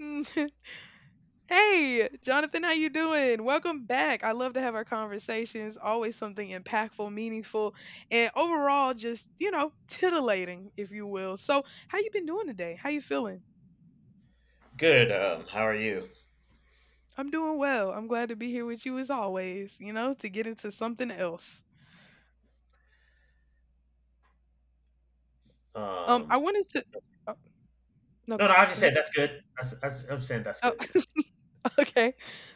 Mm, Hey, Jonathan, how you doing? Welcome back. I love to have our conversations, always something impactful, meaningful, and overall just, you know, titillating, if you will. So, how you been doing today? How you feeling? Good. How are you? I'm doing well. I'm glad to be here with you as always, you know, to get into something else. Um, I wanted to. Oh, no, no, no. I just go ahead. said that's good. I'm saying that's Oh, good. Okay.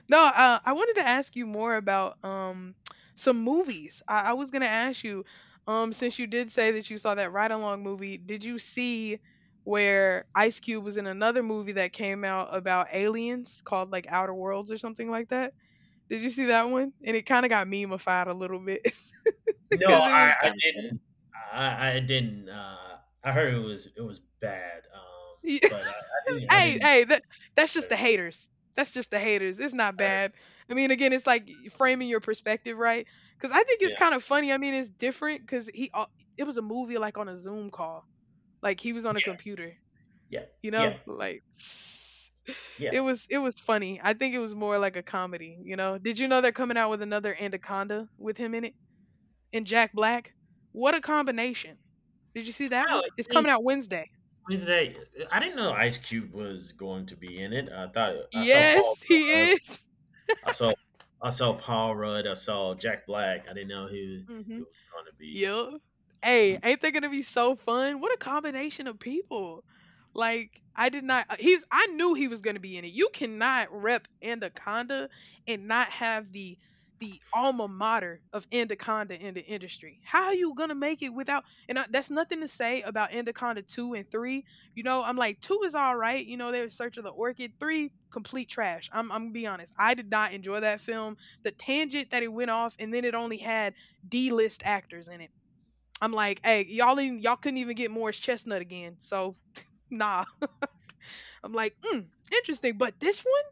No, I wanted to ask you more about some movies. I was gonna ask you, since you did say that you saw that Ride Along movie, did you see where Ice Cube was in another movie that came out about aliens called like Outer Worlds or something like that? Did you see that one? And it kind of got memeified a little bit No, because it I, was I kind of didn't. I didn't. I heard it was bad. Um, funny. but I didn't. I hey, didn't. hey, that's I just the heard, haters. That's just the haters. It's not I heard- bad. I mean, again, it's like framing your perspective, right? Because I think it's yeah, kind of funny. I mean, it's different because it was a movie like on a Zoom call, like he was on a yeah, computer, yeah, you know, yeah, like yeah. it was funny. I think it was more like a comedy, you know. Did you know they're coming out with another Anaconda with him in it and Jack Black? What a combination! Did you see that Oh, one? It's coming out Wednesday. Wednesday. I didn't know Ice Cube was going to be in it. I thought I saw Paul Yes, he Rudd. is. I saw I saw Paul Rudd. I saw Jack Black. I didn't know who he was going to be. Yep. Hey, ain't that gonna be so fun? What a combination of people. Like, I did not he's I knew he was gonna be in it. You cannot rep Anaconda and not have the alma mater of Anaconda in the industry. How are you gonna make it without and I, that's nothing to say about Anaconda two and three. You know, I'm like two is all right, you know, they were in search of the orchid. Three, complete trash. I'm gonna be honest. I did not enjoy that film. The tangent that it went off and then it only had D-list actors in it. I'm like, hey, y'all couldn't even get Morris Chestnut again, so nah. I'm like, mm, interesting, but this one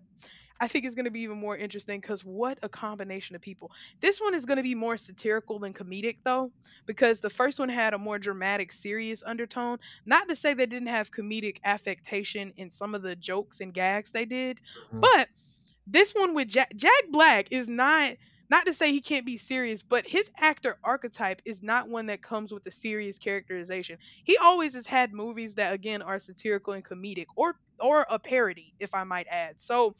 I think is going to be even more interesting because what a combination of people. This one is going to be more satirical than comedic though, because the first one had a more dramatic, serious undertone. Not to say they didn't have comedic affectation in some of the jokes and gags they did, Um, but this one with Jack Black is not not to say he can't be serious, but his actor archetype is not one that comes with a serious characterization. He always has had movies that again are satirical and comedic or a parody, if I might add. So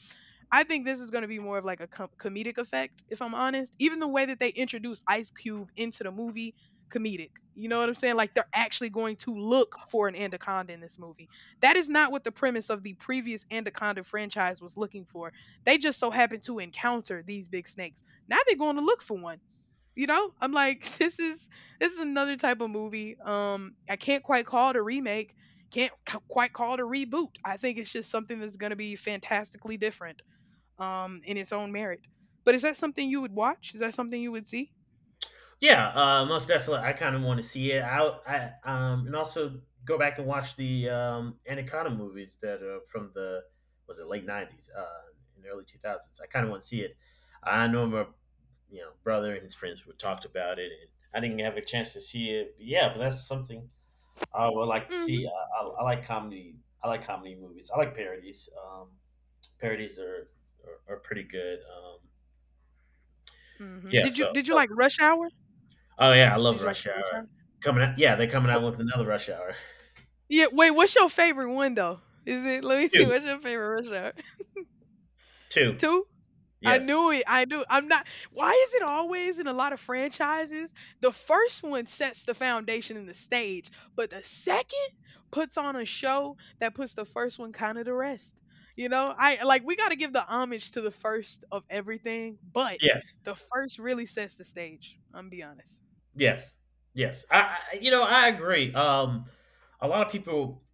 I think this is going to be more of like a comedic effect, if I'm honest. Even the way that they introduce Ice Cube into the movie, comedic. You know what I'm saying? Like they're actually going to look for an Anaconda in this movie. That is not what the premise of the previous Anaconda franchise was looking for. They just so happened to encounter these big snakes. Now they're going to look for one. You know, I'm like, this is another type of movie. I can't quite call it a remake. Can't c- quite call it a reboot. I think it's just something that's going to be fantastically different in its own merit. But is that something you would watch? Is that something you would see? Yeah, most definitely. I kind of want to see it out. And also go back and watch the Anaconda movies that are from the— was it late nineties, and early 2000s? I kind of want to see it. I know my brother and his friends were talked about it, and I didn't have a chance to see it. But yeah, but that's something I would like to Mm-hmm. see. I like comedy. I like comedy movies. I like parodies. Parodies are pretty good. Mm-hmm. yeah, Did so you did you so like Rush Hour? Oh yeah, I love Did you like Rush Rush Hour? Hour. Coming out, yeah, they're coming out Wh- with another Rush Hour. Yeah. Wait. What's your favorite one though? Is it? Let me see. Two, What's your favorite Rush Hour? two. Two. I Yes, knew it. I knew. I'm not. Why is it always in a lot of franchises? The first one sets the foundation and the stage, but the second puts on a show that puts the first one kind of to rest. You know, I like we got to give the homage to the first of everything, but yes, the first really sets the stage. I'm be honest. yes, yes. I I agree. A lot of people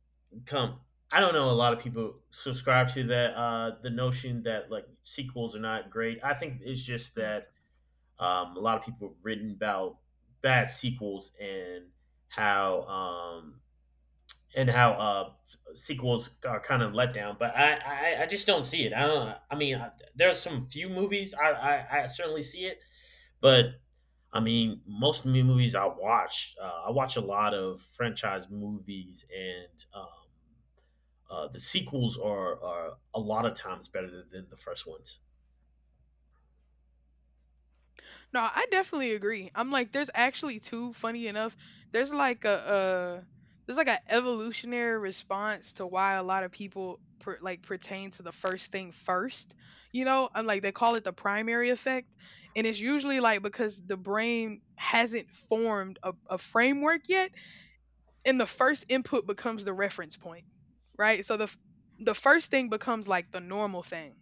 come. I don't know. A lot of people subscribe to that. The notion that like sequels are not great. I think it's just Hmm. that a lot of people have written about bad sequels and how um, how sequels are kind of let down. But I just don't see it. I don't. I mean, there are some few movies I certainly see it, but I mean, most movies I watch. I watch a lot of franchise movies, and the sequels are a lot of times better than the first ones. No, I definitely agree. I'm like, there's actually two. Funny enough, there's like a there's like an evolutionary response to why a lot of people like pertain to the first thing first. You know, I'm like they call it the primary effect, and it's usually like because the brain hasn't formed a framework yet, and the first input becomes the reference point, right. So the first thing becomes like the normal thing,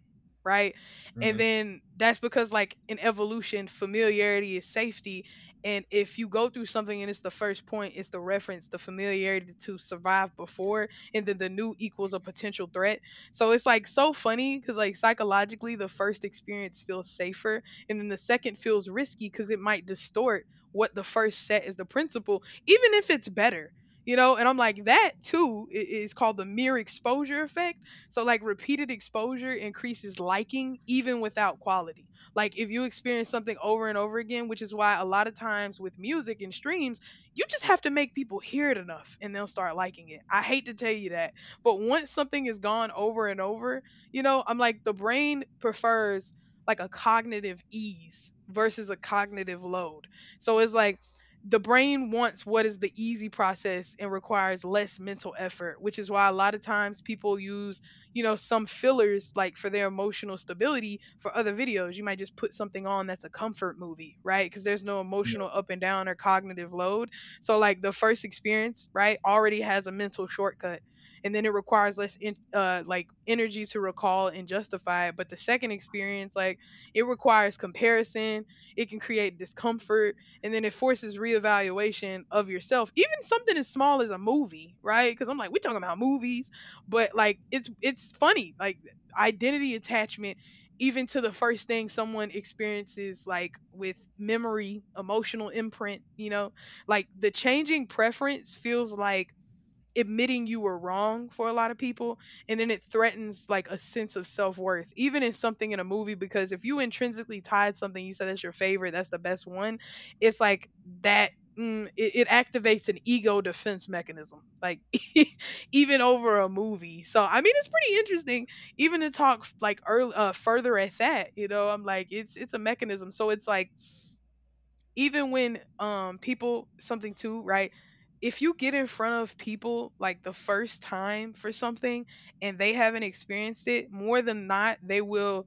right. And Hmm. then that's because like in evolution, familiarity is safety. And if you go through something and it's the first point, it's the reference, the familiarity to survive before, and then the new equals a potential threat. So it's like so funny, because like psychologically the first experience feels safer, and then the second feels risky because it might distort what the first set is the principle, even if it's better. You know, and I'm like that too, is called the mere exposure effect. So like repeated exposure increases liking even without quality. Like if you experience something over and over again, which is why a lot of times with music and streams, you just have to make people hear it enough and they'll start liking it. I hate to tell you that, but once something is gone over and over, you know, I'm like the brain prefers like a cognitive ease versus a cognitive load. So it's like the brain wants what is the easy process and requires less mental effort, which is why a lot of times people use, you know, some fillers like for their emotional stability for other videos. You might just put something on that's a comfort movie, right? Because there's no Yeah. emotional up and down or cognitive load. So, like, the first experience, right, already has a mental shortcut. And then it requires less, like, energy to recall and justify it. But the second experience, like, it requires comparison. It can create discomfort, and then it forces reevaluation of yourself, even something as small as a movie, right? Because I'm like we're talking about movies, but like it's funny, like identity attachment, even to the first thing someone experiences, like with memory, emotional imprint, you know, like the changing preference feels like admitting you were wrong for a lot of people, and then it threatens like a sense of self-worth, even in something in a movie, because if you intrinsically tied something you said that's your favorite, that's the best one, it's like that, mm, it activates an ego defense mechanism, like even over a movie. So I mean it's pretty interesting, even to talk like early, further at that. You know, I'm like it's a mechanism. So it's like even when people something too, right? If you get in front of people like the first time for something and they haven't experienced it, more than not, they will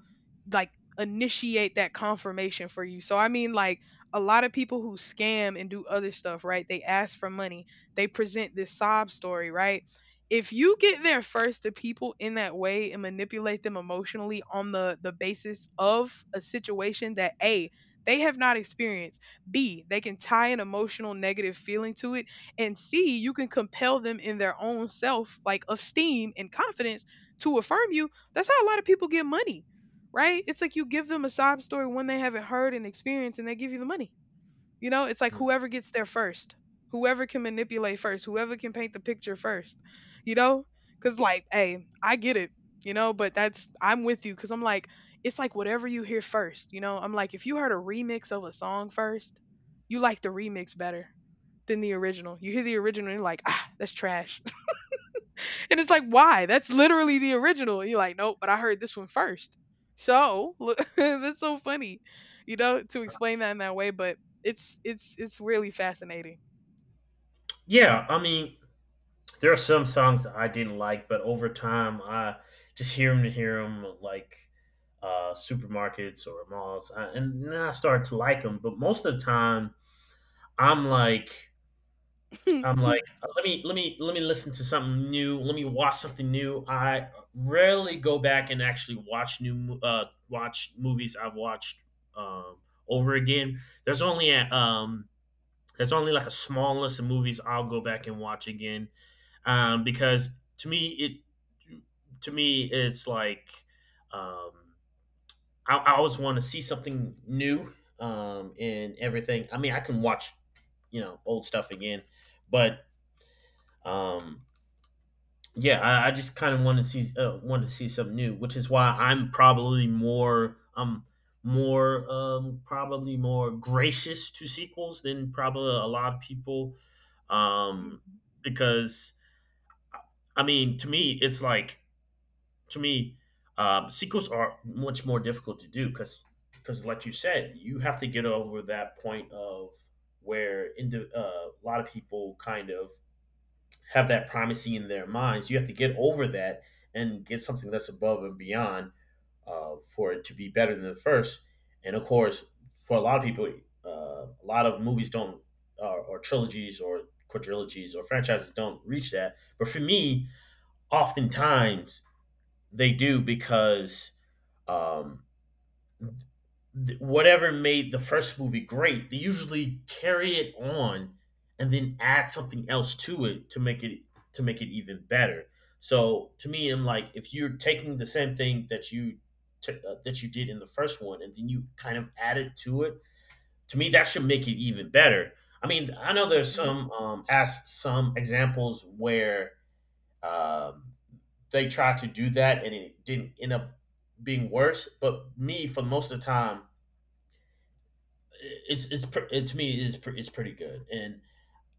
like initiate that confirmation for you. So I mean like a lot of people who scam and do other stuff, right? They ask for money. They present this sob story, right? If you get there first to people in that way and manipulate them emotionally on the basis of a situation that A, they have not experienced, B, they can tie an emotional negative feeling to it, and C, you can compel them in their own self, like esteem and confidence, to affirm you. That's how a lot of people get money, right? It's like you give them a sob story when they haven't heard and experienced, and they give you the money. You know, it's like Mm. whoever gets there first, whoever can manipulate first, whoever can paint the picture first, you know? Because, like, hey, I get it, you know, but that's, I'm with you because I'm like, it's like whatever you hear first, you know? I'm like, if you heard a remix of a song first, you like the remix better than the original. You hear the original and you're like, ah, that's trash. And it's like, why? That's literally the original. And you're like, nope, but I heard this one first. So look, that's so funny, you know, to explain that in that way. But it's it's really fascinating. Yeah. I mean, there are some songs I didn't like, but over time, I just hear them to hear them, like, supermarkets or malls, and then I start to like them. But most of the time, I'm like, I'm like, uh, let me listen to something new. Let me watch something new. I rarely go back and actually watch movies I've watched um, over again. There's only like a small list of movies I'll go back and watch again, because to me it to me it's like, um, I always want to see something new in everything. I mean, I can watch old stuff again, but um, yeah, I just kind of want to see wanted to see something new, which is why I'm probably more gracious to sequels than probably a lot of people, um Mhm. because I mean to me, sequels are much more difficult to do, because like you said, you have to get over that point of where in the— a lot of people kind of have that primacy in their minds. You have to get over that and get something that's above and beyond, for it to be better than the first. And of course, for a lot of people, uh, a lot of movies don't, or trilogies, or quadrilogies, or franchises don't reach that. But for me, oftentimes they do because, um, whatever made the first movie great, they usually carry it on and then add something else to it to make it even better. So to me, I'm like, if you're taking the same thing that you did in the first one, and then you kind of add it to it, to me that should make it even better. I mean, I know there's Mhm. some examples where, um, they tried to do that and it didn't end up being worse. But me, for most of the time, to me is it's pretty good, and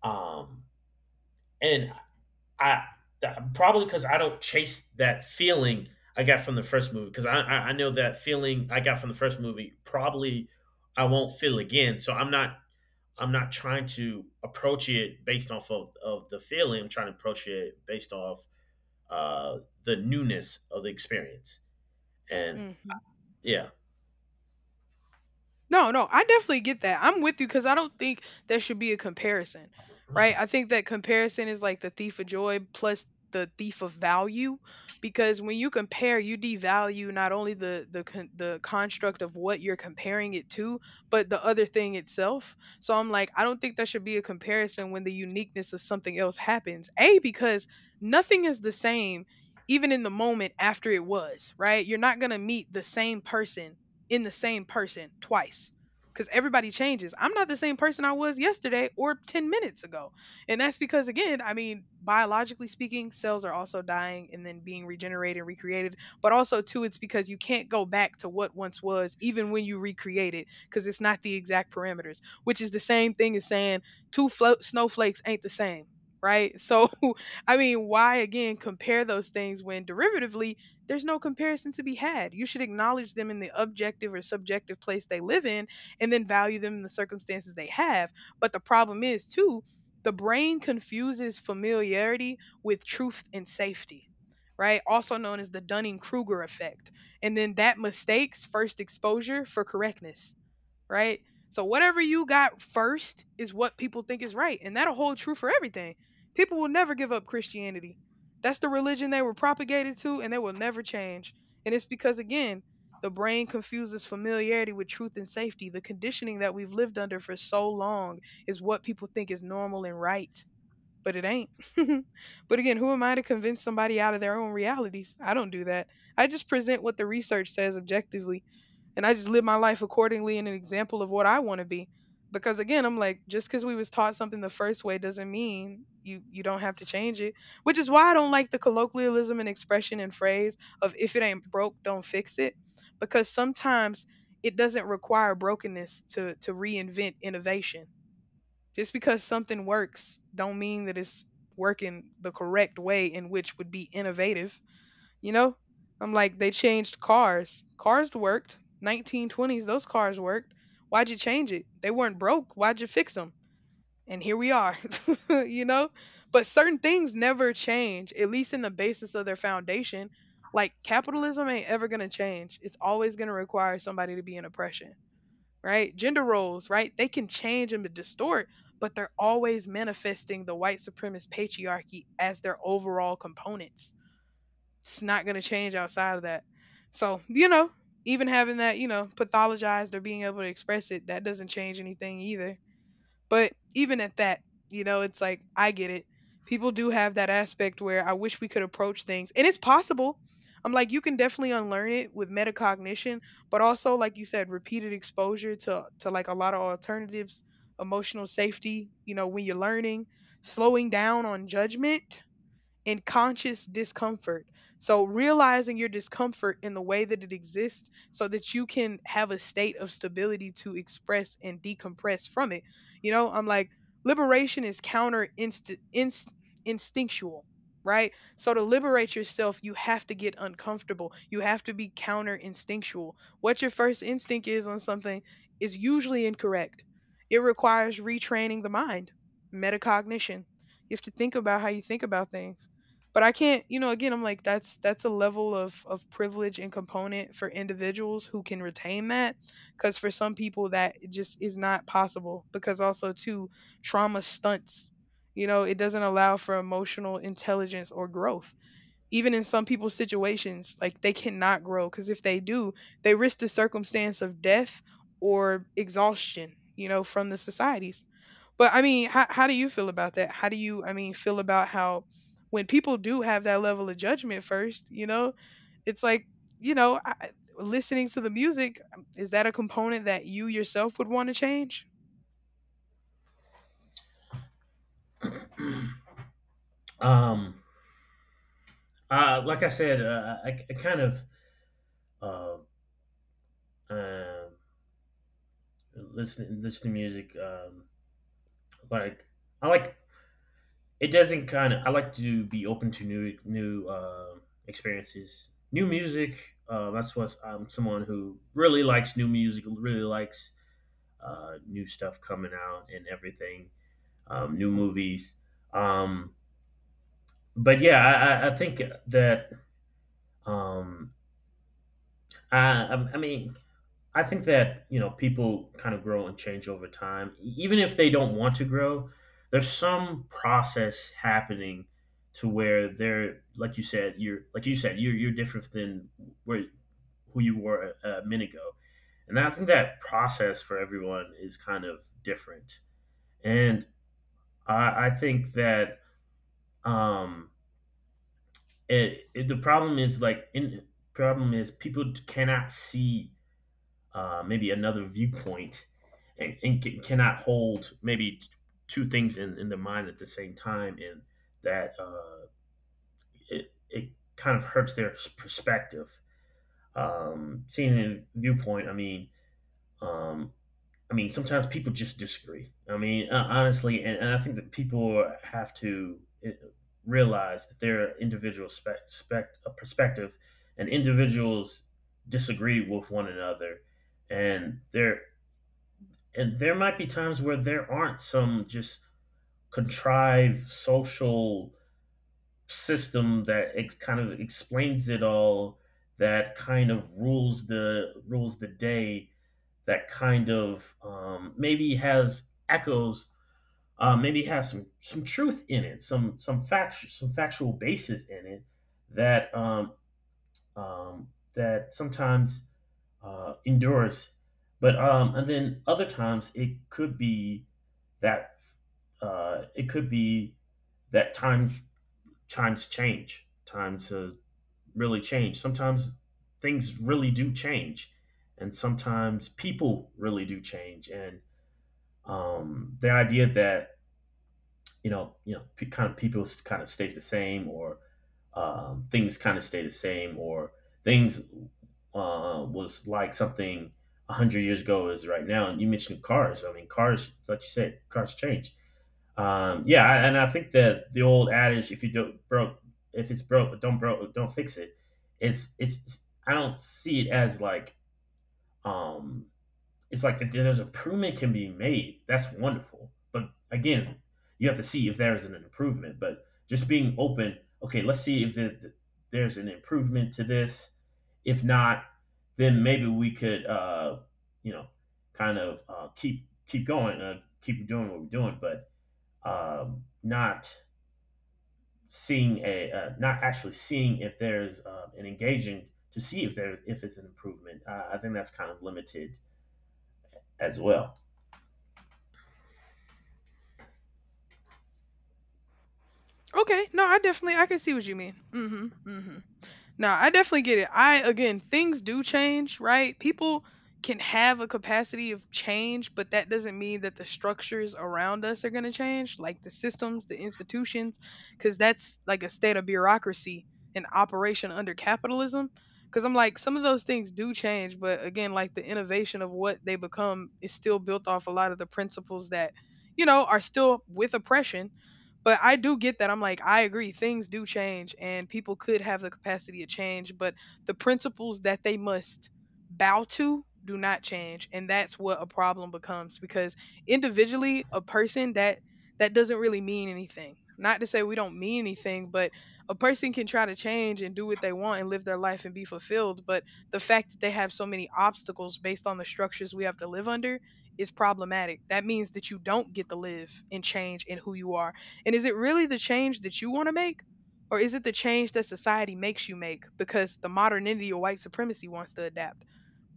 um and I probably because I don't chase that feeling I got from the first movie, because I know that feeling I got from the first movie probably I won't feel again. So I'm not trying to approach it based off of the feeling. I'm trying to approach it based off uh the newness of the experience. And Mhm. yeah. No, no, I definitely get that. I'm with you because I don't think there should be a comparison, right? I think that comparison is like the thief of joy plus the thief of value, because when you compare, you devalue not only the the construct of what you're comparing it to, but the other thing itself. So I'm like, I don't think there should be a comparison when the uniqueness of something else happens. A because nothing is the same even in the moment after it was, right? You're not going to meet the same person in the same person twice because everybody changes. I'm not the same person I was yesterday or 10 minutes ago. And that's because, again, I mean, biologically speaking, cells are also dying and then being regenerated and recreated. But also, too, it's because you can't go back to what once was, even when you recreate it, because it's not the exact parameters, which is the same thing as saying two snowflakes ain't the same. Right. So, I mean, why again compare those things when derivatively there's no comparison to be had? You should acknowledge them in the objective or subjective place they live in and then value them in the circumstances they have. But the problem is, too, the brain confuses familiarity with truth and safety, right? Also known as the Dunning Kruger effect. And then that mistakes first exposure for correctness, right? So whatever you got first is what people think is right, and that'll hold true for everything. People will never give up Christianity. That's the religion they were propagated to, and they will never change. And it's because, again, the brain confuses familiarity with truth and safety. The conditioning that we've lived under for so long is what people think is normal and right, but it ain't. But again, who am I to convince somebody out of their own realities? I don't do that. I just present what the research says objectively and I just live my life accordingly in an example of what I want to be. Because again, I'm like, just because we was taught something the first way doesn't mean you don't have to change it. Which is why I don't like the colloquialism and expression and phrase of if it ain't broke, don't fix it. Because sometimes it doesn't require brokenness to reinvent innovation. Just because something works don't mean that it's working the correct way in which would be innovative, you know? I'm like, they changed cars. Cars worked. 1920s, those cars worked. Why'd you change it? They weren't broke. Why'd you fix them? And here we are, you know? But certain things never change, at least in the basis of their foundation. Like capitalism ain't ever going to change. It's always going to require somebody to be in oppression, right? Gender roles, right? They can change and distort, but they're always manifesting the white supremacist patriarchy as their overall components. It's not going to change outside of that. So, you know, even having that, you know, pathologized or being able to express it, that doesn't change anything either. But even at that, you know, it's like, I get it. People do have that aspect where I wish we could approach things. And it's possible. I'm like, you can definitely unlearn it with metacognition, but also, like you said, repeated exposure to like a lot of alternatives, emotional safety, you know, when you're learning, slowing down on judgment in conscious discomfort. So realizing your discomfort in the way that it exists so that you can have a state of stability to express and decompress from it. You know, I'm like liberation is instinctual, right? So to liberate yourself, you have to get uncomfortable. You have to be counter instinctual. What your first instinct is on something is usually incorrect. It requires retraining the mind, metacognition. You have to think about how you think about things, but I can't, you know, again, I'm like that's a level of privilege and component for individuals who can retain that, cuz for some people that it just is not possible because also too trauma stunts. You know, it doesn't allow for emotional intelligence or growth. Even in some people's situations, like they cannot grow cuz if they do, they risk the circumstance of death or exhaustion, you know, from the societies. But I mean, how do you feel about that? How do you, I mean, feel about how when people do have that level of judgment first, you know, it's like, you know, listening to the music, is that a component that you yourself would want to change? um like I said, I kind of, uh, um listen to music. Like I like it doesn't kind of. I like to be open to new new experiences, new music. That's what I'm— someone who really likes new music. Really likes, new stuff coming out and everything. New movies. Um, but yeah, I think that, um, I mean I think that people kind of grow and change over time, even if they don't want to grow. There's some process happening to where they're— like you said, you're different than— where who you were a minute ago, and I think that process for everyone is kind of different. And I think that, um, the problem is— people cannot see, maybe another viewpoint, and cannot hold maybe two things in the mind at the same time, and that, it kind of hurts their perspective. Seeing a viewpoint, um, I mean, sometimes people just disagree. I mean, honestly, and I think that people have to, realize that their individual perspective and individuals disagree with one another, and there and there might be times where there aren't some just contrived social system that kind of explains it all, that kind of rules the day, that kind of, maybe has echoes, maybe has some truth in it, some fact, some factual basis in it, that, um, that sometimes, endures, but, and then other times it could be that, uh, it could be that times times change, times, really change. Sometimes things really do change, and sometimes people really do change. And, the idea that, kind of people kind of stays the same, or, things kind of stay the same, or things, was like something 100 years ago is right now. And you mentioned cars. I mean, cars, like you said, cars change. Yeah, and I think that the old adage, if it's broke, don't fix it. It's it's. I don't see it as like, um it's like if there's an improvement can be made, that's wonderful. But again, you have to see if there is an improvement. But just being open, okay, let's see if there, there's an improvement to this. If not, then maybe we could, you know, kind of, keep going, keep doing what we're doing, but, um, not not actually seeing if there's, an engaging to see if it's an improvement. I think that's kind of limited as well. Okay, no, I definitely I can see what you mean. Hmm, hmm. No, I definitely get it. I, again, things do change, right? People can have a capacity of change, but that doesn't mean that the structures around us are going to change, like the systems, the institutions, cuz that's like a state of bureaucracy and operation under capitalism. Cuz I'm like some of those things do change, but again, like the innovation of what they become is still built off a lot of the principles that, you know, are still with oppression, but I do get that. I'm like, I agree. Things do change and people could have the capacity to change, but the principles that they must bow to do not change. And that's what a problem becomes because individually, a person that, that doesn't really mean anything. Not to say we don't mean anything, but a person can try to change and do what they want and live their life and be fulfilled. But the fact that they have so many obstacles based on the structures we have to live under is problematic. That means that you don't get to live and change in who you are. And is it really the change that you want to make? Or is it the change that society makes you make because the modernity or white supremacy wants to adapt?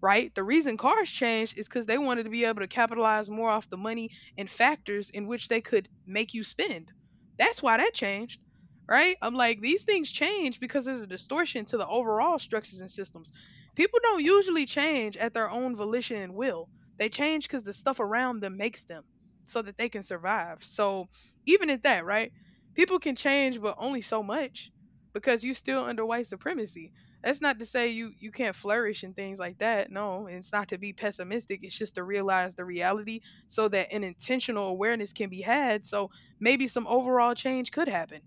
Right? The reason cars changed is because they wanted to be able to capitalize more off the money and factors in which they could make you spend. That's why that changed, right? I'm like, these things change because there's a distortion to the overall structures and systems. People don't usually change at their own volition and will, they change because the stuff around them makes them so that they can survive. So, even at that, right? People can change, but only so much because you're still under white supremacy. That's not to say you can't flourish and things like that. No, it's not to be pessimistic. It's just to realize the reality so that an intentional awareness can be had. So maybe some overall change could happen.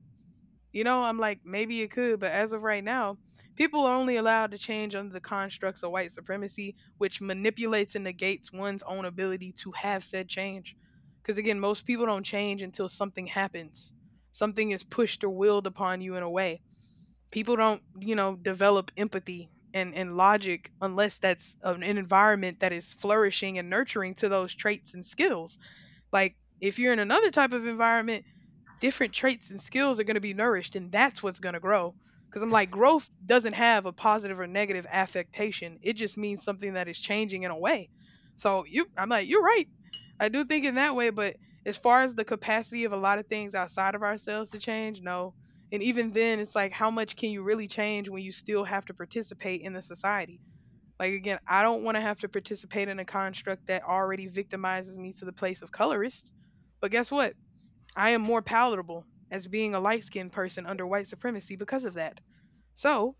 You know, I'm like maybe it could, but as of right now, people are only allowed to change under the constructs of white supremacy, which manipulates and negates one's own ability to have said change. Because again, most people don't change until something happens. Something is pushed or willed upon you in a way. People don't, you know, develop empathy and logic unless that's an environment that is flourishing and nurturing to those traits and skills. Like if you're in another type of environment, different traits and skills are going to be nourished and that's what's going to grow, because I'm like growth doesn't have a positive or negative affectation, it just means something that is changing in a way. So you, I'm like you're right, I do think in that way, but as far as the capacity of a lot of things outside of ourselves to change, no. And even then it's like how much can you really change when you still have to participate in the society? Like again, I don't want to have to participate in a construct that already victimizes me to the place of colorist, but guess what, I am more palatable as being a light skinned person under white supremacy because of that. So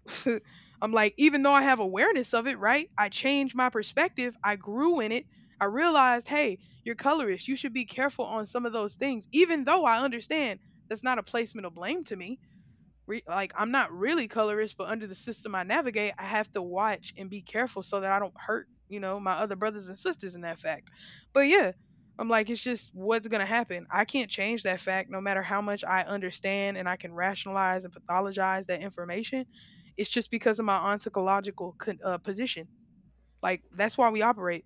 I'm like, even though I have awareness of it, right? I changed my perspective. I grew in it. I realized, hey, you're colorist. You should be careful on some of those things, even though I understand that's not a placement of blame to me. Like I'm not really colorist, but under the system I navigate, I have to watch and be careful so that I don't hurt, you know, my other brothers and sisters in that fact. But yeah, I'm like, it's just what's going to happen. I can't change that fact no matter how much I understand and I can rationalize and pathologize that information. It's just because of my ontological position. Like, that's why we operate.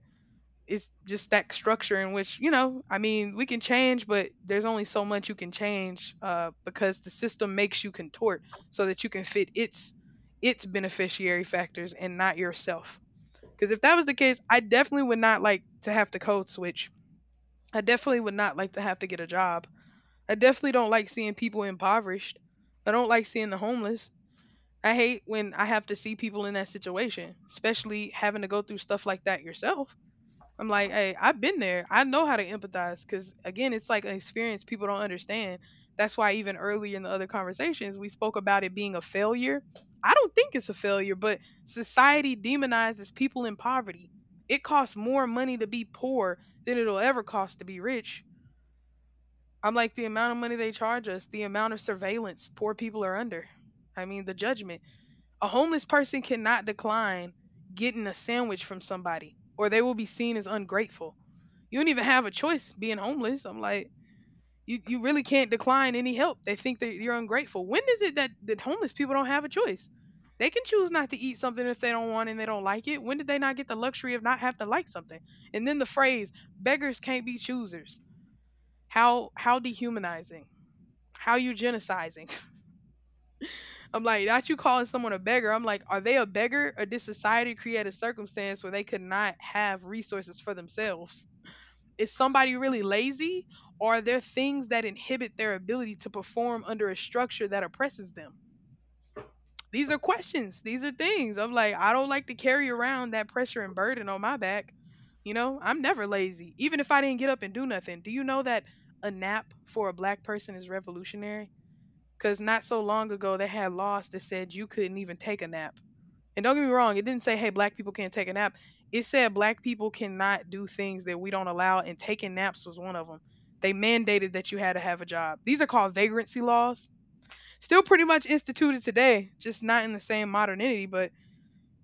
It's just that structure in which, you know, I mean, we can change, but there's only so much you can change because the system makes you contort so that you can fit its beneficiary factors and not yourself. Because if that was the case, I definitely would not like to have to code switch. I definitely would not like to have to get a job. I definitely don't like seeing people impoverished. I don't like seeing the homeless. I hate when I have to see people in that situation, especially having to go through stuff like that yourself. I'm like, hey, I've been there. I know how to empathize, because again, it's like an experience people don't understand. That's why even earlier in the other conversations, we spoke about it being a failure. I don't think it's a failure, but society demonizes people in poverty. It costs more money to be poor than it'll ever cost to be rich. I'm like, the amount of money they charge us, the amount of surveillance poor people are under. I mean, the judgment. A homeless person cannot decline getting a sandwich from somebody, or they will be seen as ungrateful. You don't even have a choice being homeless. I'm like, you really can't decline any help. They think that you're ungrateful. When is it that, that homeless people don't have a choice? They can choose not to eat something if they don't want and they don't like it. When did they not get the luxury of not having to like something? And then the phrase, beggars can't be choosers. How dehumanizing. How eugenicizing. I'm like, not you calling someone a beggar. I'm like, are they a beggar, or did society create a circumstance where they could not have resources for themselves? Is somebody really lazy, or are there things that inhibit their ability to perform under a structure that oppresses them? These are questions. These are things. I'm like, I don't like to carry around that pressure and burden on my back. You know, I'm never lazy, even if I didn't get up and do nothing. Do you know that a nap for a black person is revolutionary? Because not so long ago, they had laws that said you couldn't even take a nap. And don't get me wrong, it didn't say, hey, black people can't take a nap. It said black people cannot do things that we don't allow, and taking naps was one of them. They mandated that you had to have a job. These are called vagrancy laws. Still pretty much instituted today, just not in the same modernity. But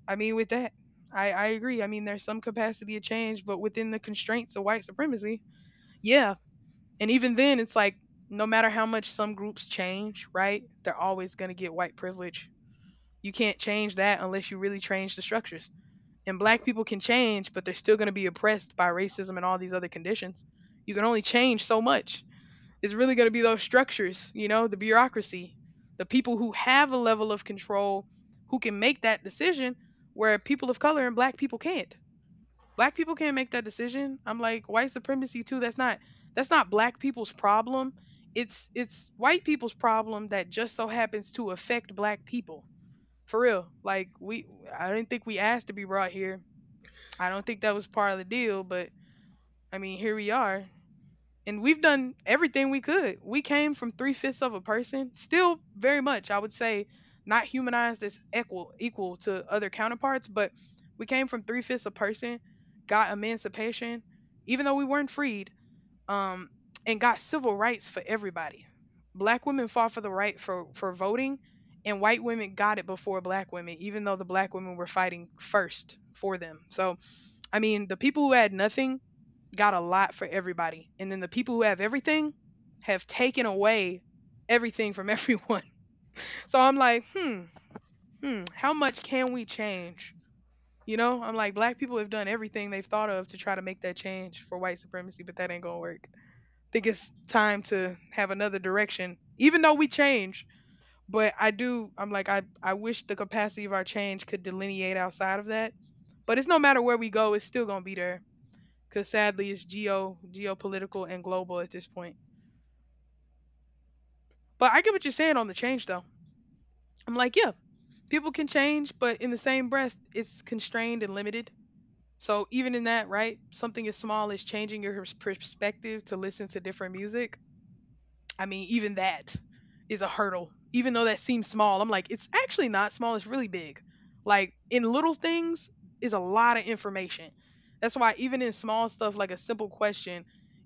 I mean, with that, I agree. I mean, there's some capacity of change, but within the constraints of white supremacy, yeah. And even then, it's like no matter how much some groups change, right? They're always going to get white privilege. You can't change that unless you really change the structures. And black people can change, but they're still going to be oppressed by racism and all these other conditions. You can only change so much. It's really going to be those structures, you know, the bureaucracy, the people who have a level of control, who can make that decision, where people of color and black people can't. Black people can't make that decision. I'm like, white supremacy too, that's not, that's not black people's problem. It's white people's problem that just so happens to affect black people. For real, like we, I didn't think we asked to be brought here. I don't think that was part of the deal, but I mean, here we are. And we've done everything we could. We came from three-fifths of a person, still very much, I would say, not humanized as equal to other counterparts, but we came from three fifths a person, got emancipation, even though we weren't freed, um, and got civil rights for everybody. Black women fought for the right for voting, and white women got it before black women, even though the black women were fighting first for them. So I mean, the people who had nothing got a lot for everybody. And then the people who have everything have taken away everything from everyone. So I'm like, hmm, hmm, how much can we change? You know, I'm like, black people have done everything they've thought of to try to make that change for white supremacy, but that ain't gonna work. I think it's time to have another direction, even though we change. But I do, I'm like, I wish the capacity of our change could delineate outside of that. But it's no matter where we go, it's still gonna be there. Because sadly it's geopolitical and global at this point. But I get what you're saying on the change though. I'm like, yeah, people can change, but in the same breath, it's constrained and limited. So even in that, right, something as small as changing your perspective to listen to different music. I mean, even that is a hurdle. Even though that seems small, I'm like, it's actually not small, it's really big. Like in little things is a lot of information. That's why even in small stuff like a simple question,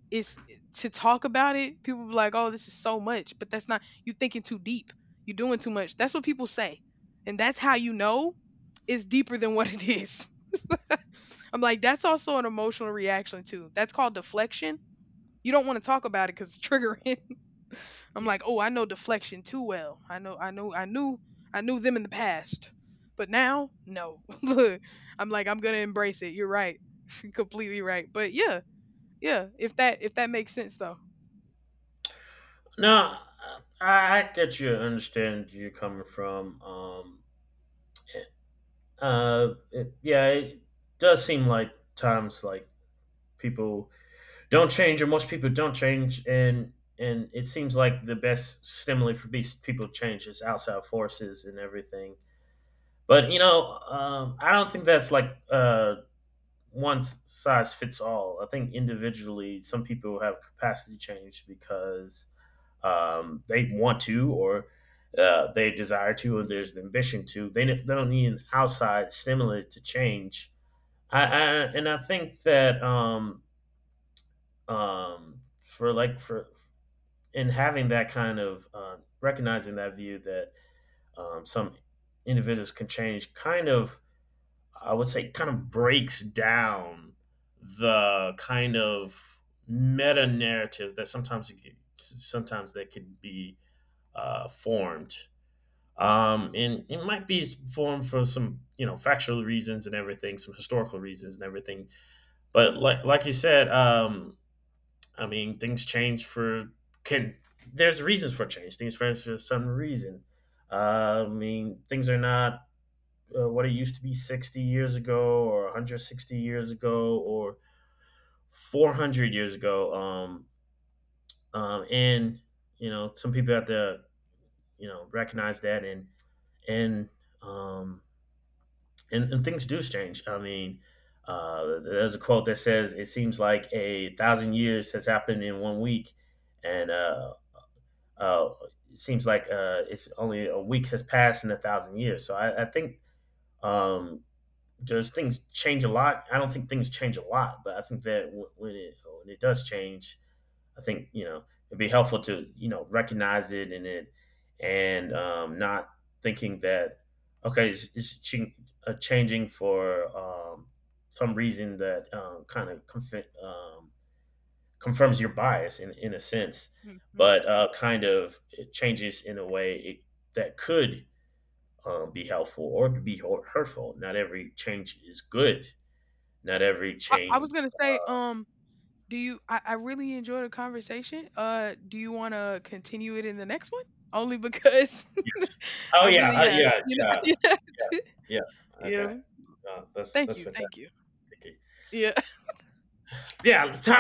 it's to talk about it, people be like, "Oh, this is so much," but that's not you thinking too deep. You're doing too much. That's what people say. And that's how you know it's deeper than what it is. I'm like, that's also an emotional reaction too. That's called deflection. You don't want to talk about it because it's triggering. I'm like, oh, I know deflection too well. I knew them in the past, but now, no. Look, I'm like, I'm gonna embrace it. You're right, completely right. But yeah, yeah. If that makes sense though. No, I get you. Understand you are coming from. It- yeah, it does seem like times like people don't change, or most people don't change, and it seems like the best stimuli for these people to change is outside forces and everything. But you know, I don't think that's like, one size fits all. I think individually, some people have capacity change because, they want to, or, they desire to, or there's the ambition to. They don't need an outside stimulant to change. I and I think that, for in having that kind of, recognizing that view that, some individuals can change, kind of I would say kind of breaks down the kind of meta narrative that sometimes it can, sometimes that could be, formed, and it might be formed for some factual reasons and everything, some historical reasons and everything. But like you said, I mean, things change for can there's reasons for change. Things change for some reason. I mean things are not, what it used to be 60 years ago or 160 years ago or 400 years ago. And you know some people have to, recognize that, and um, and things do change. I mean, there's a quote that says, "It seems like 1,000 years has happened in one week," and, uh, it seems like, it's only a week has passed in 1,000 years. So I think, um, just things change a lot. I don't think things change a lot, but I think that when it does change, I think it'd be helpful to recognize it, and, not thinking that, okay, changing for, some reason that, confirms your bias in a sense, Hmm hmm. but, kind of it changes in a way that could, be helpful or could be hurtful. Not every change is good. Not every I was change— gonna say, do you? I really enjoyed the conversation. Do you want to continue it in the next one? Only because Oh I yeah, really have, yeah, you yeah, know. yeah, yeah. Yeah. Okay, that's Thank that's you. Thank fantastic. you. Yeah. Yeah, time